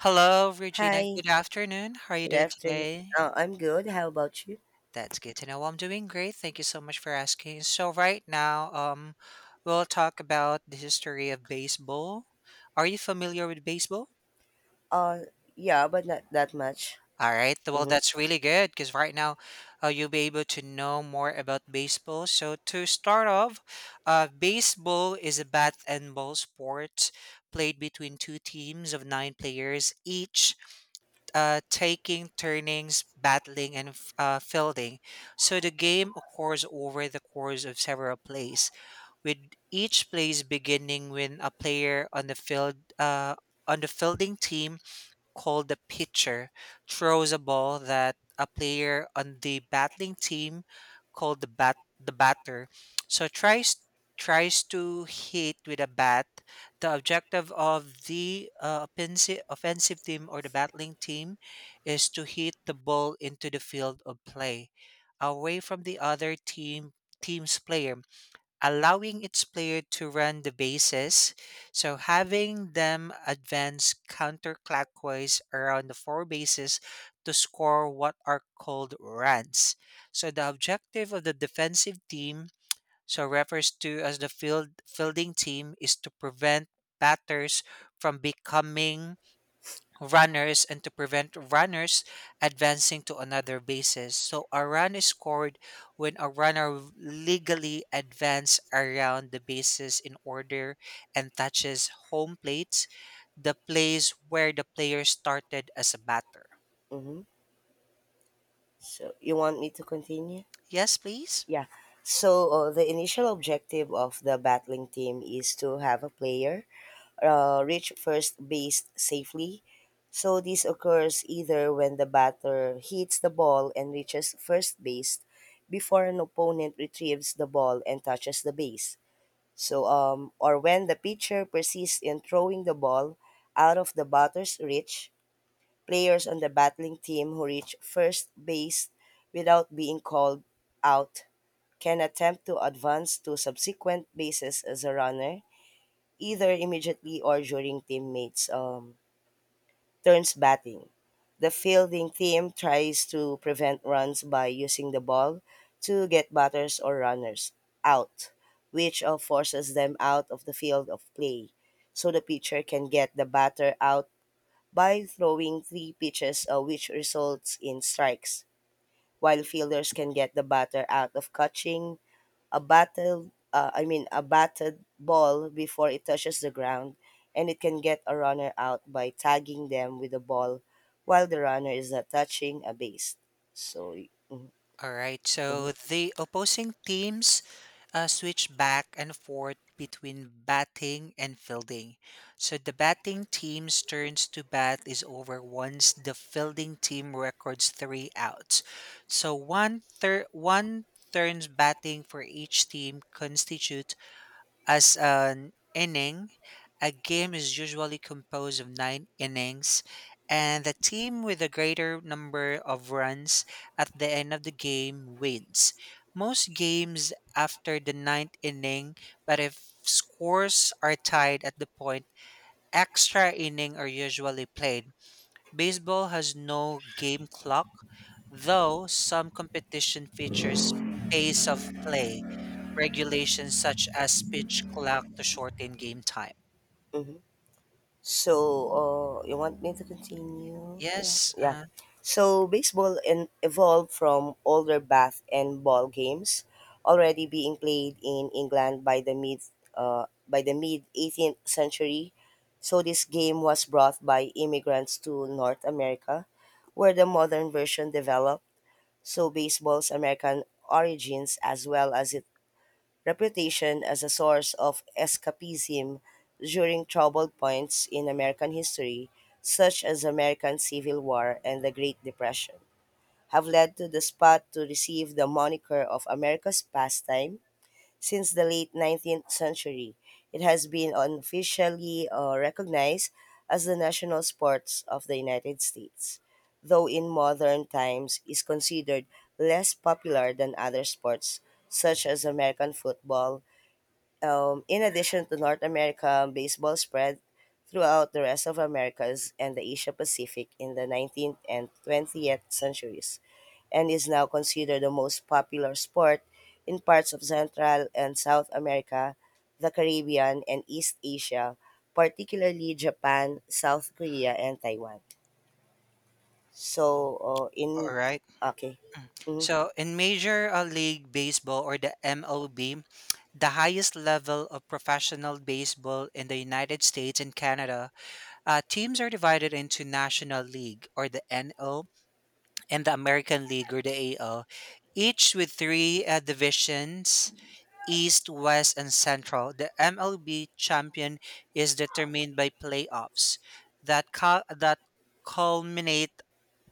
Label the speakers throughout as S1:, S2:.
S1: Hello, Regina.
S2: Hi,
S1: Good afternoon. How are you
S2: good
S1: doing
S2: afternoon.
S1: today?
S2: I'm good. How about you?
S1: That's good to know. Well, I'm doing great. Thank you so much for asking. So right now, we'll talk about the history of baseball. Are you familiar with baseball?
S2: Uh, yeah, but not that much.
S1: All right. Well,
S2: Mm-hmm.
S1: that's really good because right now, you'll be able to know more about baseball. So to start off, baseball is a bat and ball sport played between two teams of nine players each taking turnings, battling, and fielding. So the game occurs over the course of several plays, with each plays beginning when a player on the field on the fielding team called the pitcher throws a ball that a player on the battling team called the batter so tries to hit with a bat. The objective of the offensive team or the battling team is to hit the ball into the field of play away from the other team's player, allowing its player to run the bases, so having them advance counterclockwise around the four bases to score what are called runs. So the objective of the defensive team, so refers to as the fielding team, is to prevent batters from becoming runners and to prevent runners advancing to another bases. So a run is scored when a runner legally advances around the bases in order and touches home plate, the place where the player started as a batter.
S2: Mm-hmm. So you want me to continue?
S1: Yes, please.
S2: Yeah. So the initial objective of the battling team is to have a player reach first base safely. So this occurs either when the batter hits the ball and reaches first base before an opponent retrieves the ball and touches the base. So, or when the pitcher persists in throwing the ball out of the batter's reach, players on the battling team who reach first base without being called out can attempt to advance to subsequent bases as a runner, either immediately or during teammates' turns batting. The fielding team tries to prevent runs by using the ball to get batters or runners out, which forces them out of the field of play. So the pitcher can get the batter out by throwing three pitches, which results in strikes, while fielders can get the batter out of catching a battle I mean a batted ball before it touches the ground, and it can get a runner out by tagging them with the ball while the runner is not touching a base. So, mhm,
S1: All right.
S2: mhm,
S1: So the opposing teams switch back and forth between batting and fielding. So the batting team's turns to bat is over once the fielding team records three outs. So one turns batting for each team constitutes as an inning, a game is usually composed of nine innings, and the team with the greater number of runs at the end of the game wins. Most games after the ninth inning, but if scores are tied at the point, extra inning are usually played. Baseball has no game clock, though some competition features pace of play regulations such as pitch clock to shorten game time.
S2: mhm. So, you want me to continue? Yeah.
S1: Yes,
S2: Yeah. So, baseball evolved from older bath and ball games already being played in England by the mid 18th century. So, this game was brought by immigrants to North America, where the modern version developed. So, baseball's American origins, as well as it reputation as a source of escapism during troubled points in American history, such as the American Civil War and the Great Depression, have led to the spot to receive the moniker of America's pastime. Since the late 19th century, it has been unofficially recognized as the national sports of the United States, though in modern times is considered less popular than other sports such as American football. In addition to North America, baseball spread throughout the rest of Americas and the Asia Pacific in the 19th and 20th centuries, and is now considered the most popular sport in parts of Central and South America, the Caribbean, and East Asia, particularly Japan, South Korea, and Taiwan. So, in
S1: all right.
S2: Okay. Mhm,
S1: So in Major League Baseball or the MLB, the highest level of professional baseball in the United States and Canada, teams are divided into National League or the NL and the American League or the AL, each with three divisions East, West, and Central. The MLB champion is determined by playoffs that, culminate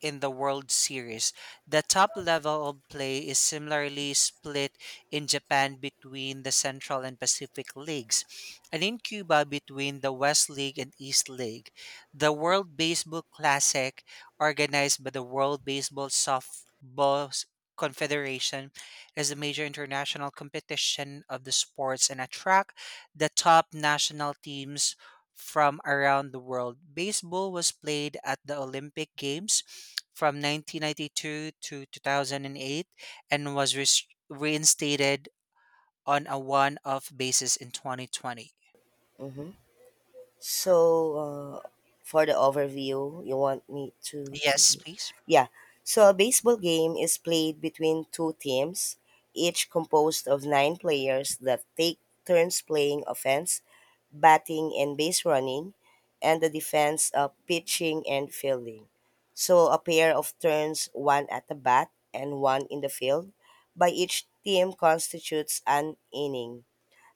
S1: in the World Series. The top level of play is similarly split in Japan between the Central and Pacific Leagues, and in Cuba between the West League and East League. The World Baseball Classic, organized by the World Baseball Softball Confederation, is a major international competition of the sports and attract the top national teams from around the world. Baseball was played at the Olympic Games from 1992 to 2008 and was reinstated on a one off basis in 2020.
S2: mhm. So, uh, for the overview, you want me to
S1: Yes,
S2: continue?
S1: please.
S2: Yeah. So, a baseball game is played between two teams, each composed of nine players that take turns playing offense, batting, and base running, and the defense pitching and fielding. So, a pair of turns, one at the bat and one in the field, by each team constitutes an inning.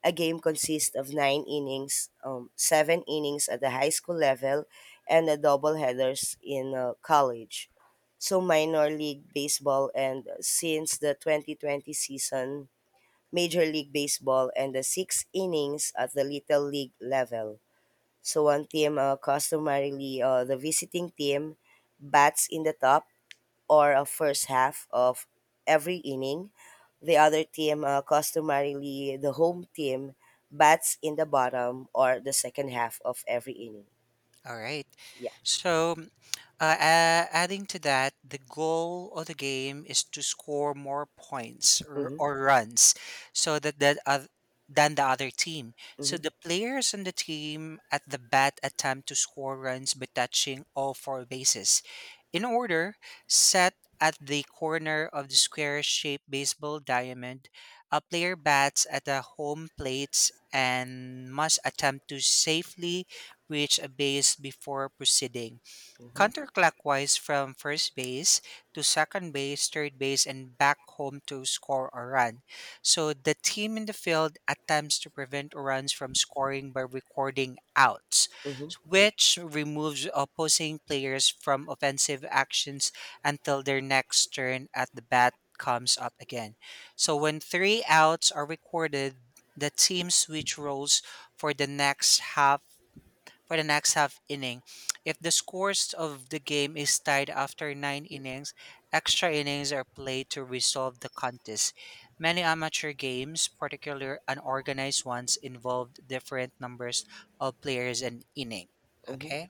S2: A game consists of nine innings, seven innings at the high school level, and a doubleheaders in college. So, minor league baseball and since the 2020 season, Major League Baseball and the six innings at the Little League level. So, one team, customarily the visiting team, bats in the top, or a first half of every inning. The other team, customarily the home team, bats in the bottom or the second half of every inning.
S1: All right.
S2: Yeah.
S1: So adding to that, the goal of the game is to score more points
S2: Mm-hmm.
S1: or runs, so than the other team. So
S2: Mm-hmm.
S1: the players on the team at the bat attempt to score runs by touching all four bases, in order set at the corner of the square-shaped baseball diamond. A player bats at the home plate and must attempt to safely reach a base before proceeding
S2: Mm-hmm.
S1: counterclockwise from first base to second base, third base, and back home to score a run. So the team in the field attempts to prevent runs from scoring by recording outs,
S2: Mm-hmm.
S1: which removes opposing players from offensive actions until their next turn at the bat comes up again. So when three outs are recorded, the team switch roles for the next half for the next half inning. If the scores of the game is tied after nine innings, extra innings are played to resolve the contest. Many amateur games, particularly unorganized ones, involved different numbers of players an inning.
S2: Mm-hmm.
S1: Okay,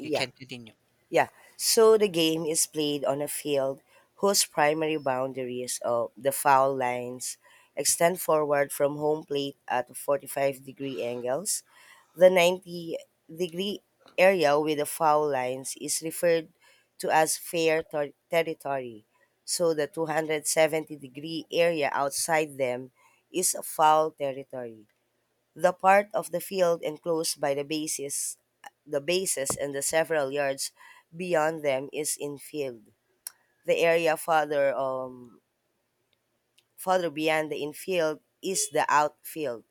S1: you can continue.
S2: Yeah. So the game is played on a field whose primary boundaries of the foul lines extend forward from home plate at 45-degree angles. The 90-degree area with the foul lines is referred to as territory, so the 270 degree area outside them is foul territory. The part of the field enclosed by the bases and the several yards beyond them is infield. The area farther further beyond the infield is the outfield.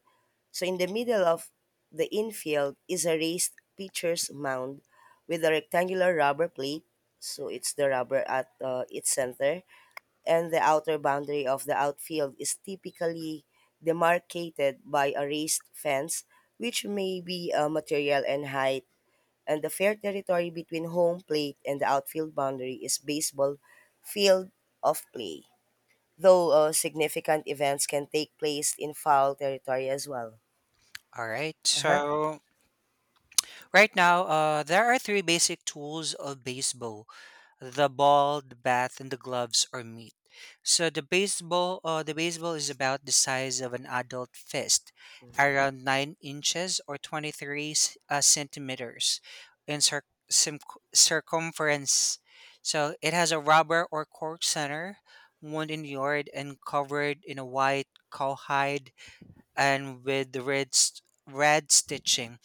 S2: So in the middle of the infield is a raised pitcher's mound with a rectangular rubber plate. So it's the rubber at its center, and the outer boundary of the outfield is typically demarcated by a raised fence, which may be material and height. And the fair territory between home plate and the outfield boundary is baseball field of play. Though significant events can take place in foul territory as well.
S1: All right.
S2: Uh-huh.
S1: So right now, there are three basic tools of baseball: the ball, the bat, and the gloves are meat. So the baseball is about the size of an adult fist, around 9 inches or 23 centimeters in circumference. So it has a rubber or cork center, wound in the yard, and covered in a white cowhide and with the red stitching.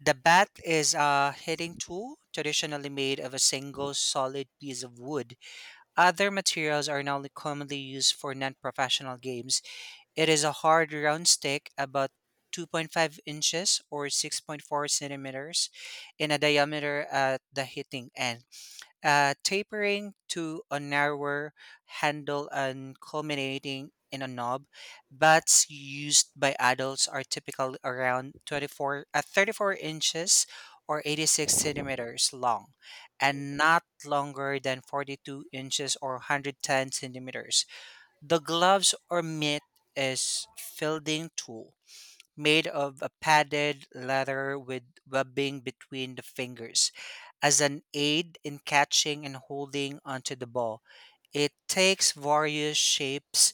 S1: The bat is a hitting tool traditionally made of a single solid piece of wood. Other materials are now commonly used for non professional games. It is a hard round stick about 2.5 inches or 6.4 centimeters in a diameter at the hitting end tapering to a narrower handle and culminating in a knob. Bats used by adults are typically around 34 inches or 86 centimeters long and not longer than 42 inches or 110 centimeters. The gloves or mitt is fielding tool made of a padded leather with webbing between the fingers as an aid in catching and holding onto the ball. It takes various shapes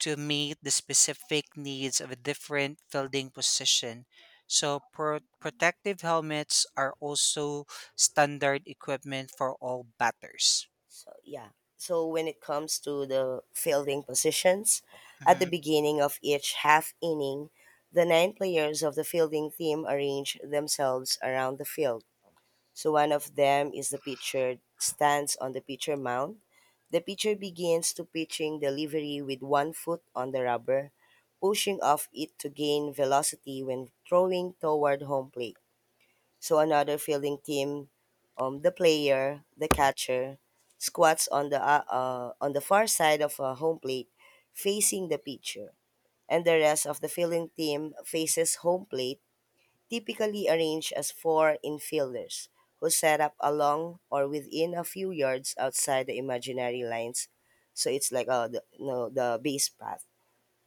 S1: to meet the specific needs of a different fielding position. So, protective helmets are also standard equipment for all batters.
S2: So yeah. So when it comes to the fielding positions, at the
S1: Mhm.
S2: beginning of each half inning, the nine players of the fielding team arrange themselves around the field. So one of them is the pitcher stands on the pitcher mound. The pitcher begins to pitching delivery with one foot on the rubber, pushing off it to gain velocity when throwing toward home plate. So another fielding team, the player, the catcher, squats on the far side of a home plate, facing the pitcher, and the rest of the fielding team faces home plate, typically arranged as four infielders who set up along or within a few yards outside the imaginary lines. So it's like the, no, the base path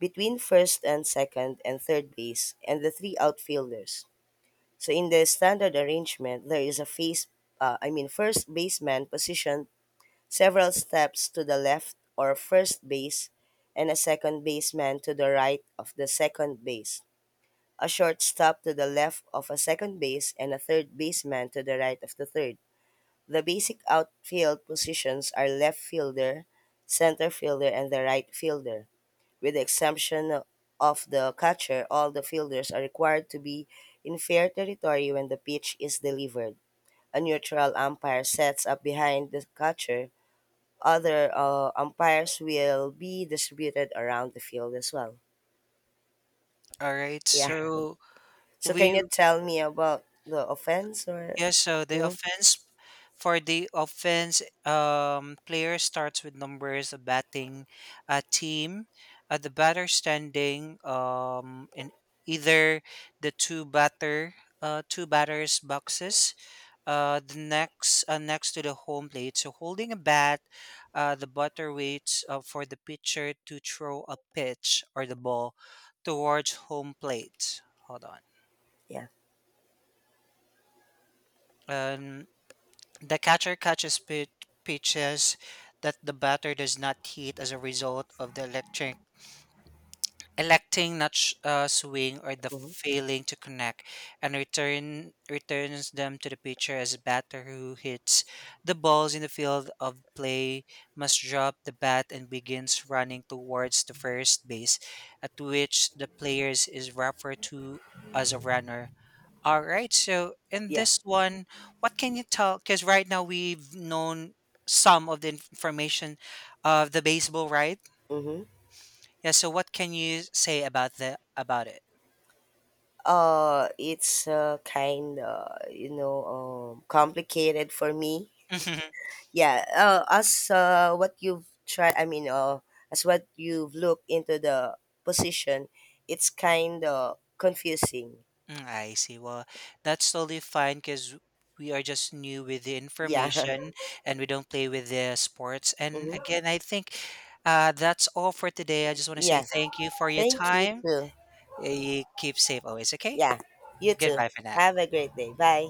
S2: between first and second and third base, and the three outfielders. So in the standard arrangement, there is a face, I mean first baseman positioned several steps to the left or first base, and a second baseman to the right of the second base, a shortstop to the left of a second base, and a third baseman to the right of the third. The basic outfield positions are left fielder, center fielder, and the right fielder. With the exemption of the catcher, all the fielders are required to be in fair territory when the pitch is delivered. A neutral umpire sets up behind the catcher. Other umpires will be distributed around the field as well.
S1: All right,
S2: Yeah.
S1: so
S2: So can
S1: we
S2: you tell me about the offense or?
S1: yeah, so the
S2: Hmm.
S1: offense for the offense player starts with numbers, a batting team, the batter standing, in either the two batter two batters boxes, the next next to the home plate. So holding a bat, the batter waits for the pitcher to throw a pitch or the ball towards home plate. Hold on.
S2: Yeah.
S1: um. The catcher catches pitches that the batter does not hit as a result of the electric electing not swing or the
S2: Hmm.
S1: failing to connect and returns them to the pitcher as a batter who hits the balls in the field of play must drop the bat and begins running towards the first base at which the players is referred to as a runner. All right. So in
S2: Yeah.
S1: this one, what can you tell? Because right now we've known some of the information of the baseball, right?
S2: Hmm.
S1: Yeah. So what can you say about the about it?
S2: It's kind of complicated for me.
S1: Mhm.
S2: Yeah, as what you've tried, I mean, as what you've looked into the position, it's kind of confusing.
S1: Mm, I see. Well, that's totally fine because we are just new with the
S2: Yeah.
S1: information and we don't play with the sports. And
S2: Hmm.
S1: again, I think that's all for today. I just want to say
S2: Yeah.
S1: thank you for your
S2: Thank you
S1: time.
S2: too.
S1: You keep safe always. Okay.
S2: Yeah. You too.
S1: Goodbye for
S2: Have
S1: now.
S2: a great day. Bye.